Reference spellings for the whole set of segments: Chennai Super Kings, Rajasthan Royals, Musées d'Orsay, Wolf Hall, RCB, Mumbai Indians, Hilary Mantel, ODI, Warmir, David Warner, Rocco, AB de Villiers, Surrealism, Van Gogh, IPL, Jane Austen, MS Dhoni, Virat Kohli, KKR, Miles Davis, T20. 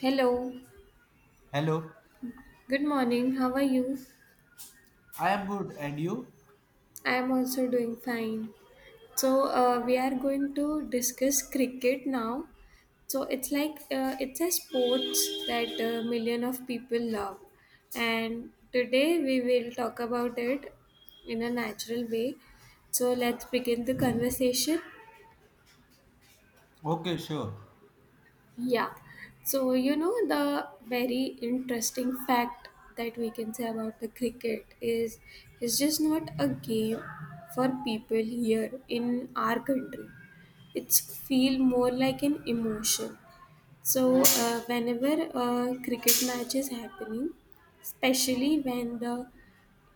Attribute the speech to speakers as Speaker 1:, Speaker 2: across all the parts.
Speaker 1: Hello,
Speaker 2: Hello,
Speaker 1: good morning. How are you?
Speaker 2: I am good, and you?
Speaker 1: I am also doing fine. We are going to discuss cricket now. It's a sports that a million of people love, and today we will talk about it in a natural way. So, let's begin the conversation.
Speaker 2: Okay, sure.
Speaker 1: Yeah. So, you know, the very interesting fact that we can say about the cricket is it's just not a game for people here in our country. It's feel more like an emotion. Whenever a cricket match is happening, especially when the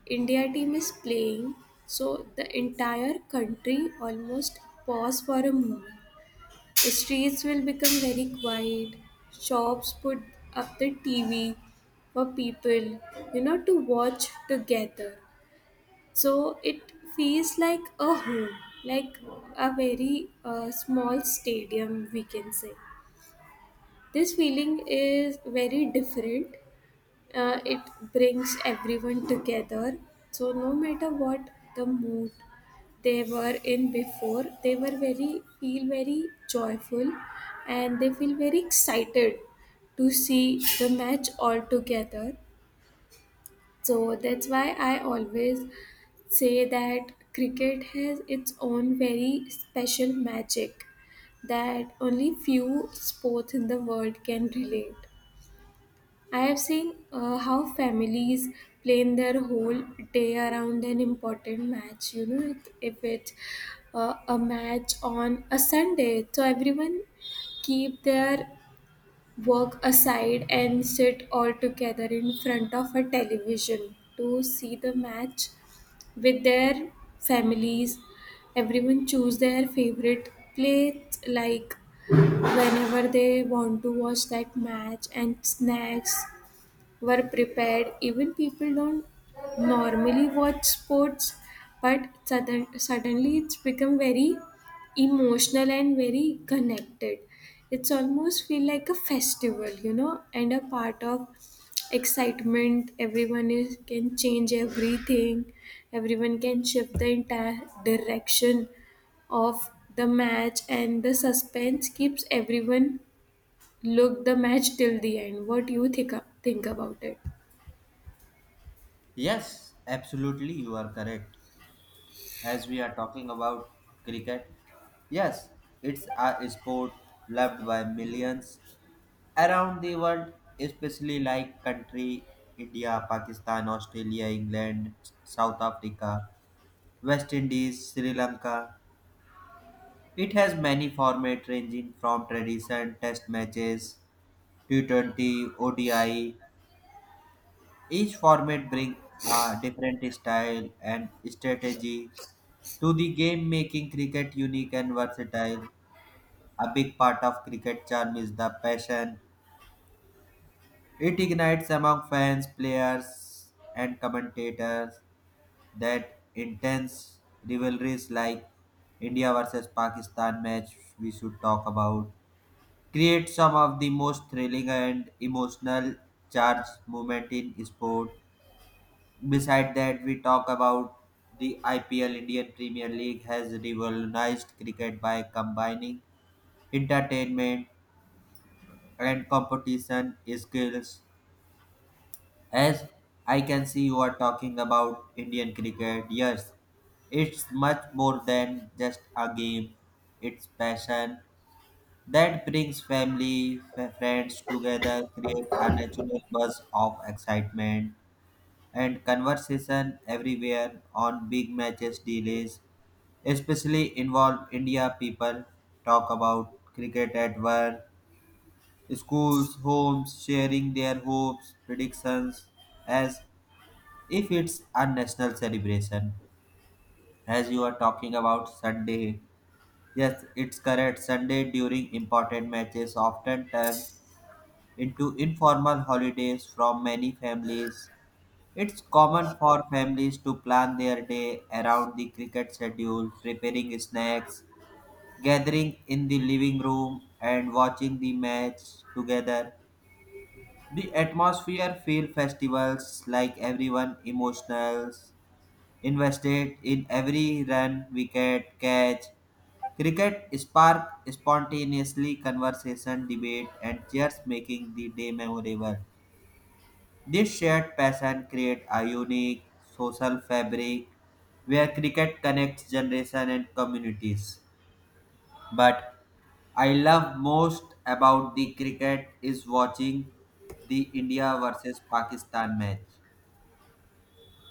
Speaker 1: India team is playing, so the entire country almost pause for a moment the streets will become very quiet. Shops put up the TV for people, you know, to watch together. So it feels like a home, like a very small stadium, we can say. This feeling is very different. It brings everyone together. So, no matter what the mood they were in before they were very feel very joyful and they feel very excited to see the match all together, so that's why I always say that cricket has its own very special magic that only few sports in the world can relate. I have seen how families plan their whole day around an important match. You know, if it's a match on a Sunday, so everyone keep their work aside and sit all together in front of a television to see the match with their families. Everyone choose their favorite plate like whenever they want to watch that match and snacks were prepared. Even people don't normally watch sports, but suddenly it's become very emotional and very connected. It's almost feel like a festival, you know, and a part of excitement. Everyone is can change everything. Everyone can shift the entire direction of the match, and the suspense keeps everyone look the match till the end. What do you think about it?
Speaker 2: Yes, absolutely, you are correct. As we are talking about cricket, yes, it's a sport loved by millions around the world, especially like country India, Pakistan, Australia, England, South Africa, West Indies, Sri Lanka. It has many format ranging from tradition, test matches, T20, ODI. Each format brings a different style and strategy to the game, making cricket unique and versatile. A big part of cricket charm is the passion it ignites among fans, players, and commentators. That intense rivalries like India versus Pakistan match we should talk about create some of the most thrilling and emotional charged moment in sport. Beside that, we talk about the IPL. Indian Premier League has revolutionized cricket by combining entertainment and competition skills. As I can see, you are talking about Indian cricket. Yes, it's much more than just a game, it's passion that brings family, friends together, create a natural buzz of excitement and conversation everywhere on big matches delays, especially involve India people talk about cricket at work, schools, homes, sharing their hopes, predictions as if it's a national celebration. As you are talking about Sunday, yes, it's correct. Sunday during important matches often turn into informal holidays from many families. It's common for families to plan their day around the cricket schedule, preparing snacks, gathering in the living room, and watching the match together. The atmosphere feel festivals like everyone emotional, invested in every run, wicket, catch. Cricket spark spontaneously conversation, debate, and cheers, making the day memorable. This shared passion creates a unique social fabric where cricket connects generation and communities. But I love most about the cricket is watching the India versus Pakistan match.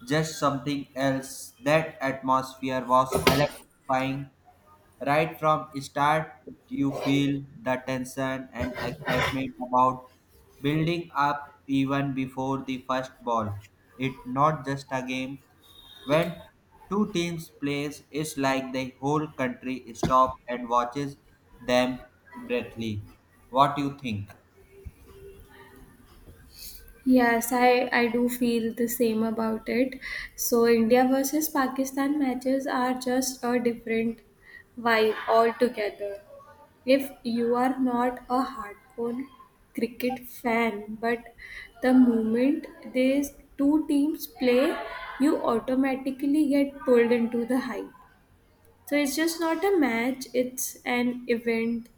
Speaker 2: Just something else. That atmosphere was electrifying. Right from start, you feel the tension and excitement about building up even before the first ball. It's not just a game. When two teams plays, it's like the whole country stops and watches them breathly. What do you think?
Speaker 1: Yes, I do feel the same about it. So, India versus Pakistan matches are just a different vibe altogether. If you are not a hardcore cricket fan, but the moment these two teams play, you automatically get pulled into the hype. So, it's just not a match, it's an event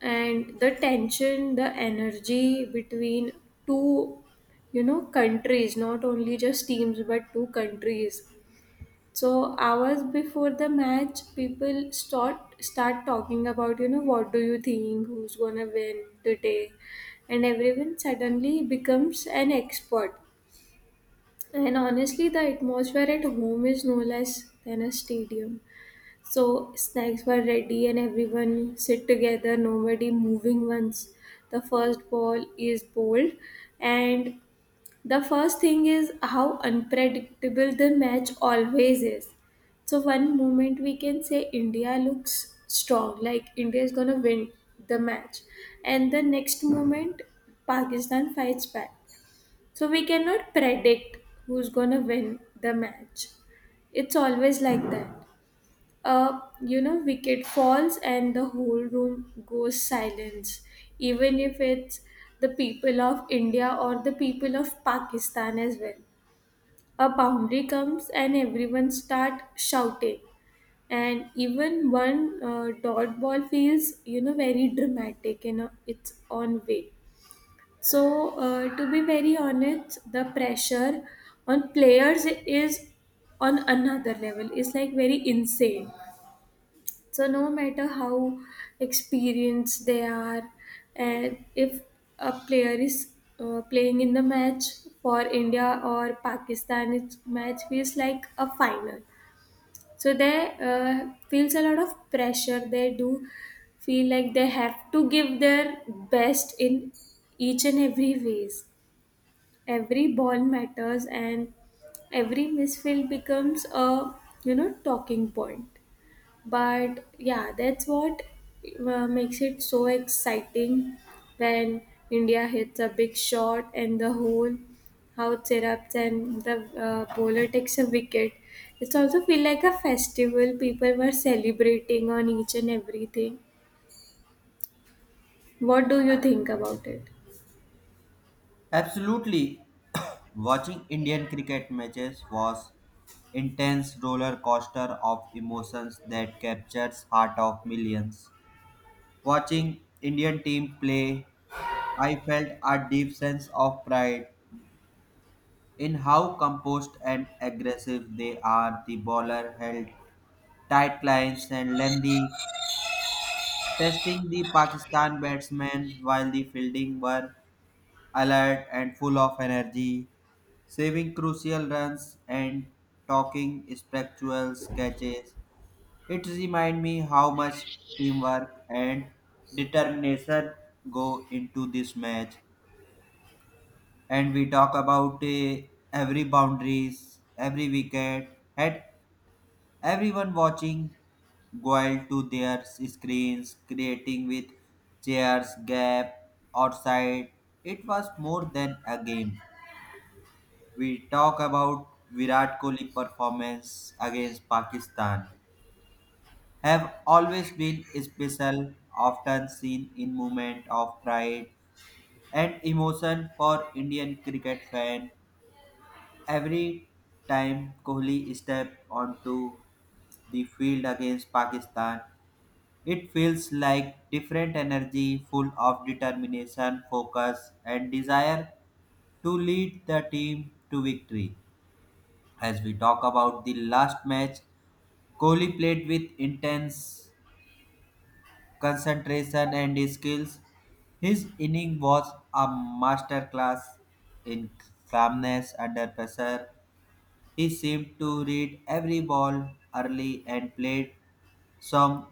Speaker 1: and the tension the energy between two, you know, countries, not only just teams but two countries. So hours before the match people start talking about, you know, what do you think who's gonna win today, and everyone suddenly becomes an expert. And honestly the atmosphere at home is no less than a stadium. So snacks were ready and everyone sit together, nobody moving once the first ball is bowled. And the first thing is how unpredictable the match always is. So one moment we can say India looks strong, like India is gonna win the match. And the next moment Pakistan fights back. So we cannot predict who's gonna win the match. It's always like that. Wicket falls and the whole room goes silence, even if it's the people of India or the people of Pakistan as well. A boundary comes and everyone start shouting, and even one dot ball feels, very dramatic in a, its own way. To be very honest, the pressure on players is on another level. It's like very insane. So no matter how experienced they are, and if a player is playing in the match for India or Pakistan, it's match feels like a final. So they feels a lot of pressure. They do feel like they have to give their best in each and every ways. Every ball matters, and every misfield becomes a, you know, talking point. But yeah, that's what makes it so exciting. When India hits a big shot and the whole house erupts, and the bowler takes a wicket, it's also feel like a festival, people were celebrating on each and everything. What do you think about it?
Speaker 2: Absolutely. Watching Indian cricket matches was intense roller coaster of emotions that captures heart of millions. Watching Indian team play, I felt a deep sense of pride in how composed and aggressive they are. The bowler held tight lines and lengthy, testing the Pakistan batsmen while the fielding were alert and full of energy, saving crucial runs and talking spectral catches. It reminds me how much teamwork and determination go into this match. And we talk about every boundaries, every wicket, and everyone watching goal to their screens, creating with chairs, gap, outside. It was more than a game. We talk about Virat Kohli performance against Pakistan have always been special, often seen in moment of pride and emotion for Indian cricket fan. Every time Kohli steps onto the field against Pakistan, it feels like different energy full of determination, focus, and desire to lead the team to victory. As we talk about the last match, Kohli played with intense concentration and skills. His inning was a masterclass in calmness under pressure. He seemed to read every ball early and played some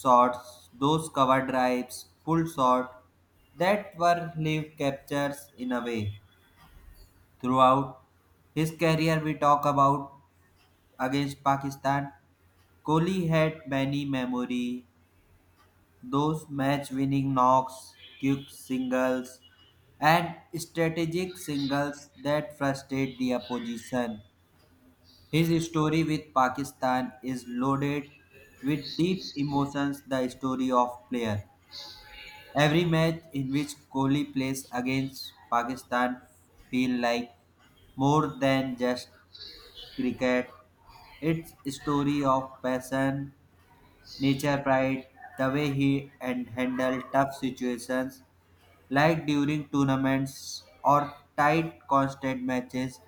Speaker 2: shots, those cover drives, pull shots that were live captures in a way. Throughout his career, we talk about against Pakistan. Kohli had many memory, those match-winning knocks, quick singles, and strategic singles that frustrate the opposition. His story with Pakistan is loaded with deep emotions, the story of player. Every match in which Kohli plays against Pakistan feel like more than just cricket. It's story of passion, nature pride, the way he and handled tough situations like during tournaments or tight constant matches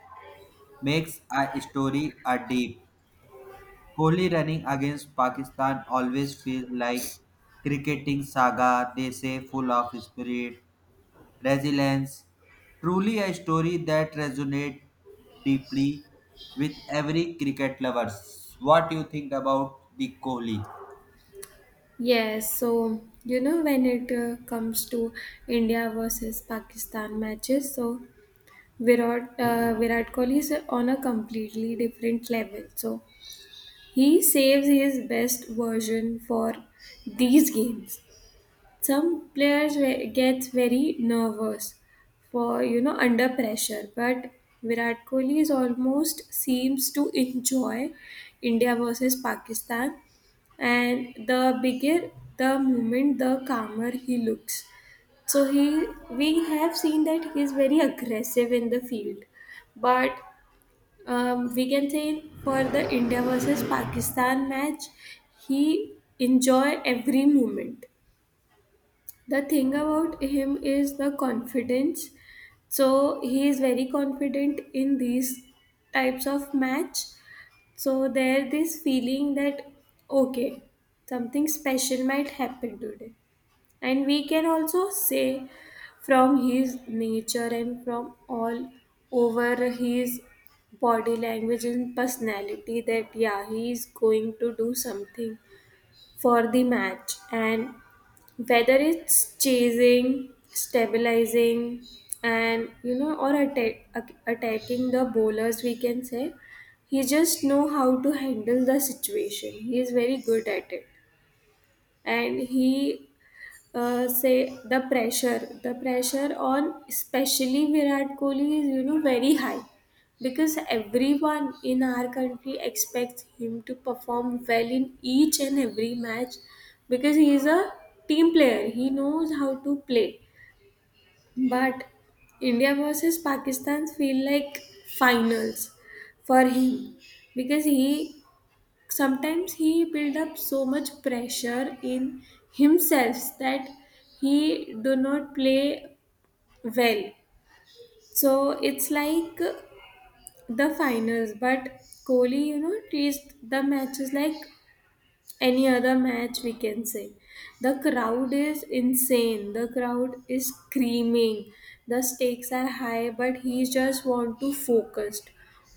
Speaker 2: makes a story a deep. Kohli running against Pakistan always feels like cricketing saga, they say full of spirit, resilience, truly a story that resonates deeply with every cricket lovers. What do you think about the Kohli?
Speaker 1: Yes, so you know when it comes to India versus Pakistan matches, so Virat Kohli is on a completely different level. So he saves his best version for these games. Some players gets very nervous for, you know, under pressure, but Virat Kohli is almost seems to enjoy India versus Pakistan, and the bigger the moment, the calmer he looks. So he we have seen that he is very aggressive in the field, but we can say for the India versus Pakistan match, he enjoy every moment. The thing about him is the confidence. So he is very confident in these types of match. So there this feeling that okay, something special might happen today. And we can also say from his nature and from all over his body language and personality that yeah, he is going to do something for the match. And whether it's chasing, stabilizing, and you know, or attacking the bowlers, we can say he just know how to handle the situation. He is very good at it. And he say the pressure on especially Virat Kohli is, you know, very high because everyone in our country expects him to perform well in each and every match, because he is a team player, he knows how to play. But India versus Pakistan feel like finals for him because he sometimes he build up so much pressure in himself that he do not play well. So it's like the finals, but Kohli, you know, treats the matches like any other match, we can say. The crowd is insane, the crowd is screaming, the stakes are high, but he just want to focus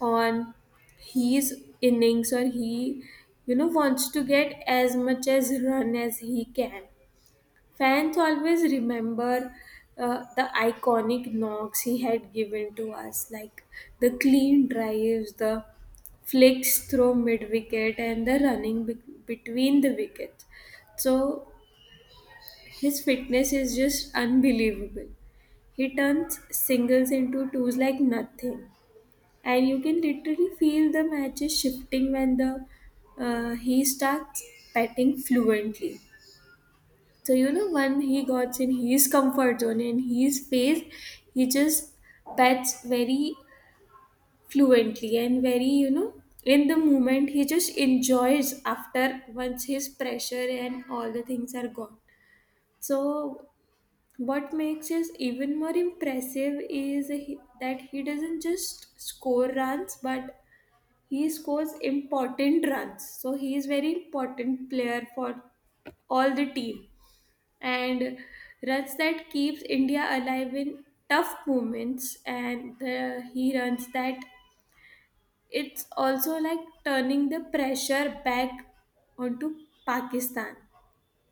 Speaker 1: on his innings, or he, you know, wants to get as much as run as he can. Fans always remember the iconic knocks he had given to us, like the clean drives, the flicks through mid wicket, and the running between the wickets. So his fitness is just unbelievable. He turns singles into twos like nothing, and you can literally feel the matches shifting when the he starts batting fluently. So you know when he got in his comfort zone and his pace, he just bats very fluently and very, you know, in the moment he just enjoys after once his pressure and all the things are gone. So what makes us even more impressive is that he doesn't just score runs but he scores important runs, so he is very important player for all the team, and runs that keeps India alive in tough moments, and the, he runs that it's also like turning the pressure back onto Pakistan.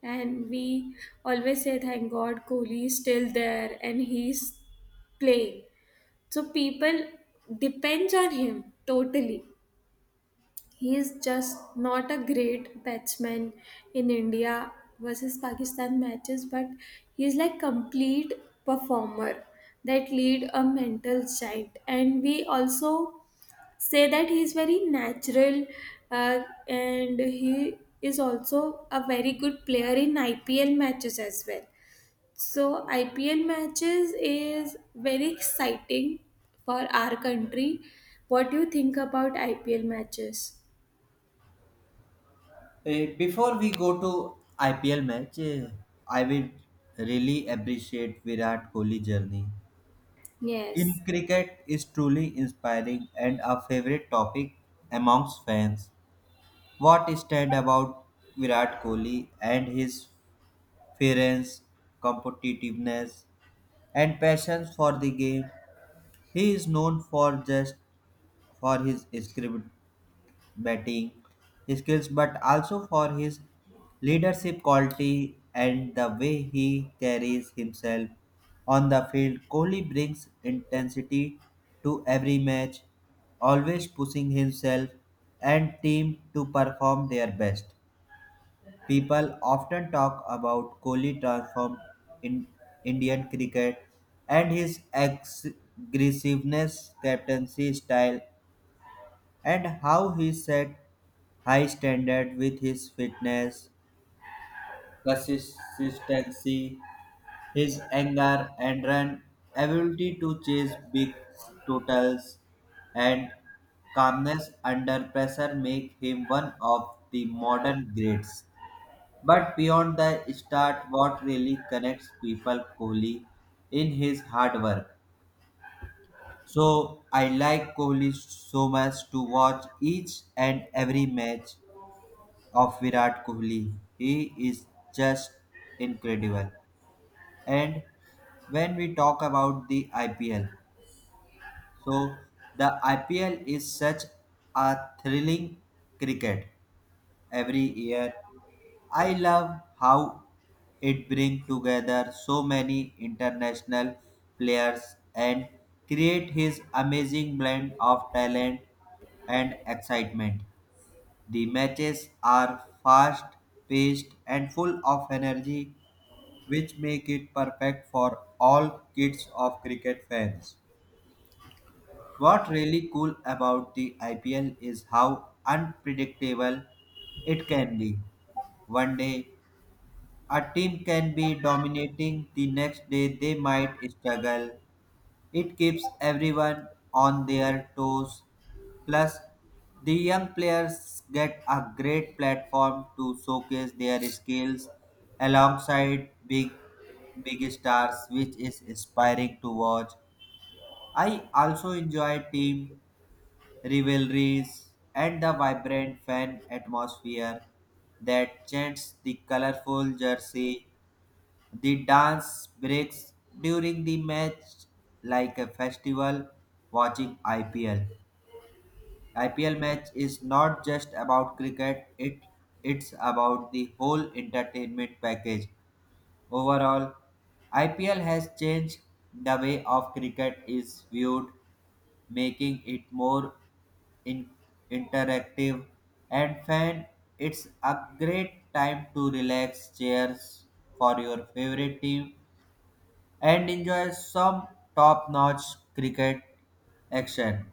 Speaker 1: And we always say, thank God, Kohli is still there and he's playing. So people depends on him totally. He is just not a great batsman in India versus Pakistan matches, but he is like complete performer that lead a mental giant. And we also say that he is very natural and he is also a very good player in IPL matches as well. So IPL matches is very exciting for our country. What do you think about IPL matches?
Speaker 2: Before we go to IPL match, I will really appreciate Virat Kohli journey.
Speaker 1: Yes,
Speaker 2: In cricket is truly inspiring and a favorite topic amongst fans. What is said about Virat Kohli and his fairness, competitiveness, and passion for the game? He is known for just for his script batting skills, but also for his leadership quality and the way he carries himself on the field. Kohli brings intensity to every match, always pushing himself and team to perform their best. People often talk about Kohli transformed in Indian cricket and his aggressiveness, captaincy style, and how he set high standard with his fitness, consistency, his anger and run ability to chase big totals, and calmness under pressure make him one of the modern greats. But beyond the start, what really connects people, Kohli, in his hard work. So I like Kohli so much to watch each and every match of Virat Kohli. He is just incredible. And when we talk about the IPL, so the IPL is such a thrilling cricket every year. I love how it brings together so many international players and create his amazing blend of talent and excitement. The matches are fast paced and full of energy, which make it perfect for all kids of cricket fans. What really cool about the IPL is how unpredictable it can be. One day a team can be dominating, the next day, they might struggle. It keeps everyone on their toes. Plus, the young players get a great platform to showcase their skills alongside big stars, which is inspiring to watch. I also enjoy team rivalries and the vibrant fan atmosphere, that chants, the colorful jersey, the dance breaks during the match, like a festival watching IPL. IPL match is not just about cricket, it's about the whole entertainment package. Overall, IPL has changed the way of cricket is viewed, making it more in- interactive and fan. It's a great time to relax, cheers for your favorite team, and enjoy some top-notch cricket action.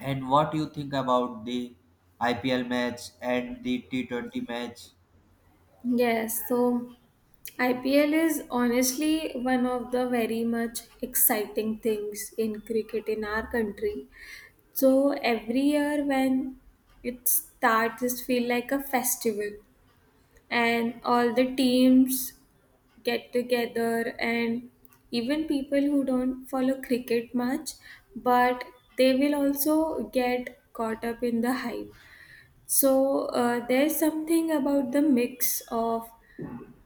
Speaker 2: And what you think about the IPL match and the T20 match?
Speaker 1: yes. So IPL is honestly one of the very much exciting things in cricket in our country. So every year when it starts, it's feel like a festival, and all the teams get together, and even people who don't follow cricket much, but they will also get caught up in the hype. So there's something about the mix of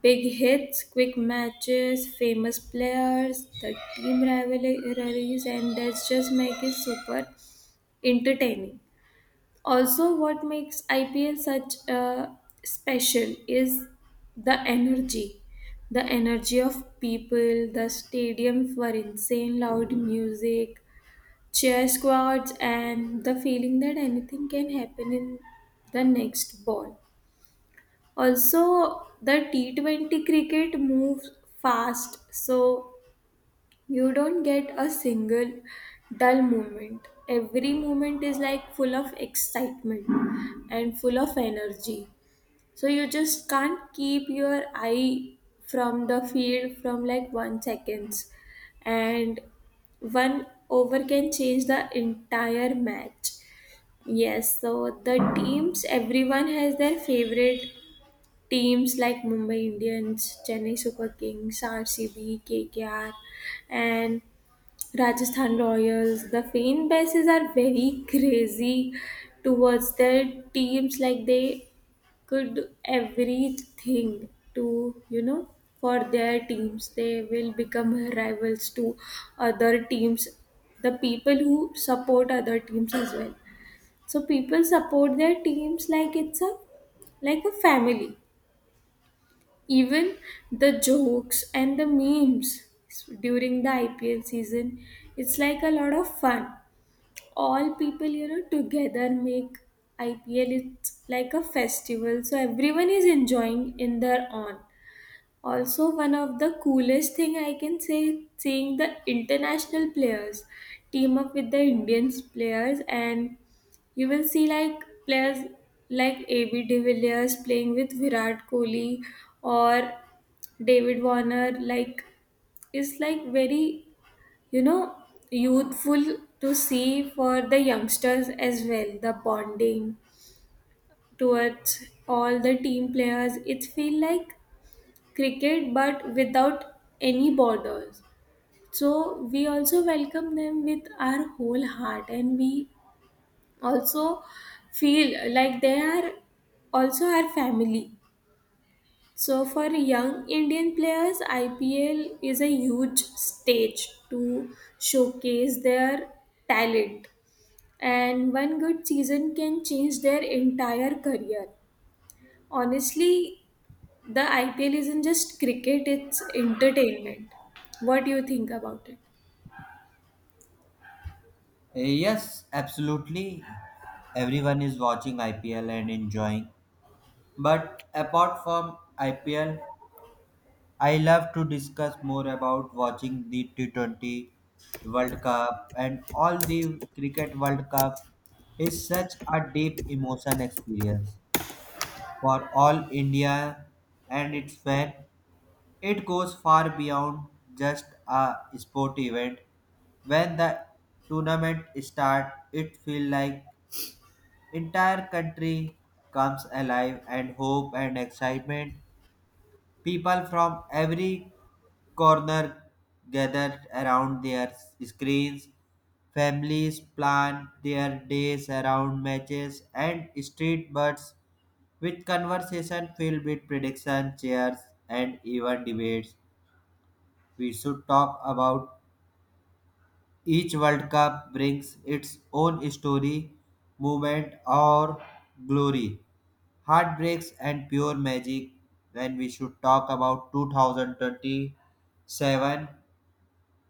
Speaker 1: big hits, quick matches, famous players, the team rivalries, and that's just make it super entertaining. Also, what makes IPL such a special is the energy. The energy of people, the stadium for insane loud music, cheer squads, and the feeling that anything can happen in the next ball. Also, the T20 cricket moves fast, so you don't get a single dull moment. Every moment is like full of excitement and full of energy. So you just can't keep your eye from the field from like 1 seconds. And one over can change the entire match. Yes, so the teams, everyone has their favorite teams like Mumbai Indians, Chennai Super Kings, RCB, KKR, and Rajasthan Royals, the fan bases are very crazy towards their teams. Like they could everything to, you know, for their teams. They will become rivals to other teams, the people who support other teams as well. So people support their teams like it's a like a family. Even the jokes and the memes during the IPL season, it's like a lot of fun, all people, you know, together make IPL it's like a festival, so everyone is enjoying in their own. Also one of the coolest thing I can say seeing the international players team up with the Indians players, and you will see like players like AB de Villiers playing with Virat Kohli or David Warner, like is like very, you know, youthful to see for the youngsters as well, the bonding towards all the team players, it feel like cricket but without any borders. So we also welcome them with our whole heart and we also feel like they are also our family. So for young Indian players, IPL is a huge stage to showcase their talent, and one good season can change their entire career. Honestly, the IPL isn't just cricket, it's entertainment. What do you think about it?
Speaker 2: Yes, absolutely. Everyone is watching IPL and enjoying. But apart from IPL, I love to discuss more about watching the T20 World Cup, and all the Cricket World Cup is such a deep emotion experience for all India and its fan. It goes far beyond just a sport event. When the tournament starts, it feels like entire country comes alive and hope and excitement. People from every corner gather around their screens. Families plan their days around matches and street birds with conversation filled with predictions, cheers, and even debates, we should talk about each World Cup brings its own story, movement, or glory, heartbreaks, and pure magic. Then we should talk about 2027,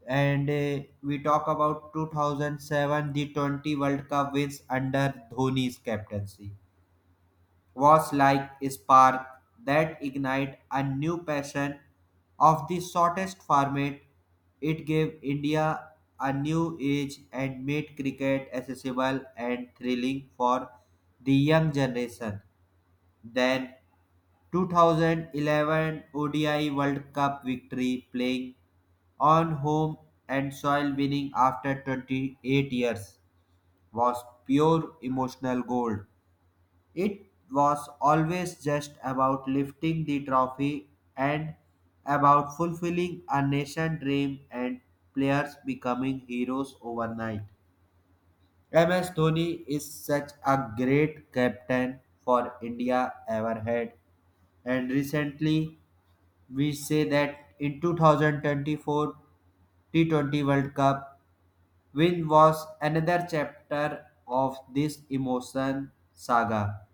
Speaker 2: and we talk about 2007 the 20 World Cup wins under Dhoni's captaincy. Was like a spark that ignited a new passion of the shortest format. It gave India a new age and made cricket accessible and thrilling for the young generation. Then 2011 ODI World Cup victory playing on home and soil winning after 28 years was pure emotional gold. It was always just about lifting the trophy and about fulfilling a nation dream and players becoming heroes overnight. MS Dhoni is such a great captain for India ever had, and recently we say that in 2024 T20 World Cup win was another chapter of this emotion saga.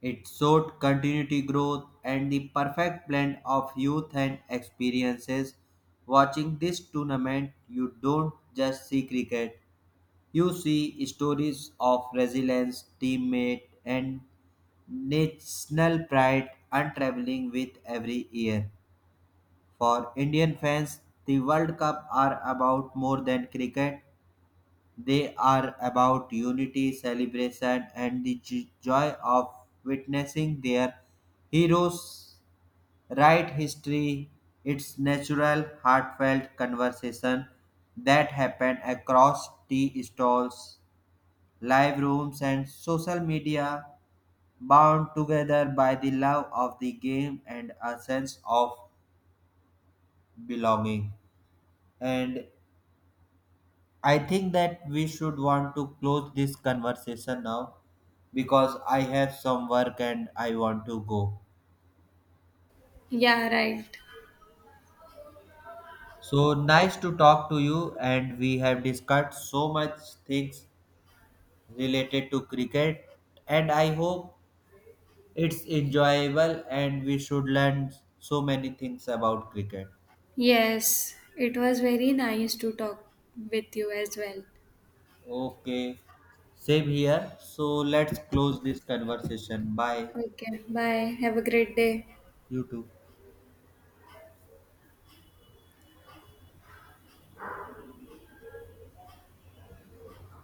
Speaker 2: It showed continuity growth and the perfect blend of youth and experiences. Watching this tournament, you don't just see cricket, you see stories of resilience, teammate, and national pride unraveling with every year. For Indian fans, the World Cup are about more than cricket. They are about unity, celebration, and the joy of witnessing their heroes write history. It's natural, heartfelt conversation that happen across tea stalls, live rooms, and social media, bound together by the love of the game and a sense of belonging. And I think that we should want to close this conversation now, because I have some work and I want to go.
Speaker 1: Yeah, right.
Speaker 2: So nice to talk to you, and we have discussed so much things related to cricket, and I hope it's enjoyable and we should learn so many things about cricket.
Speaker 1: Yes, it was very nice to talk with you as well.
Speaker 2: Okay, same here. So let's close this conversation. Bye.
Speaker 1: Okay, bye. Have a great day.
Speaker 2: You too.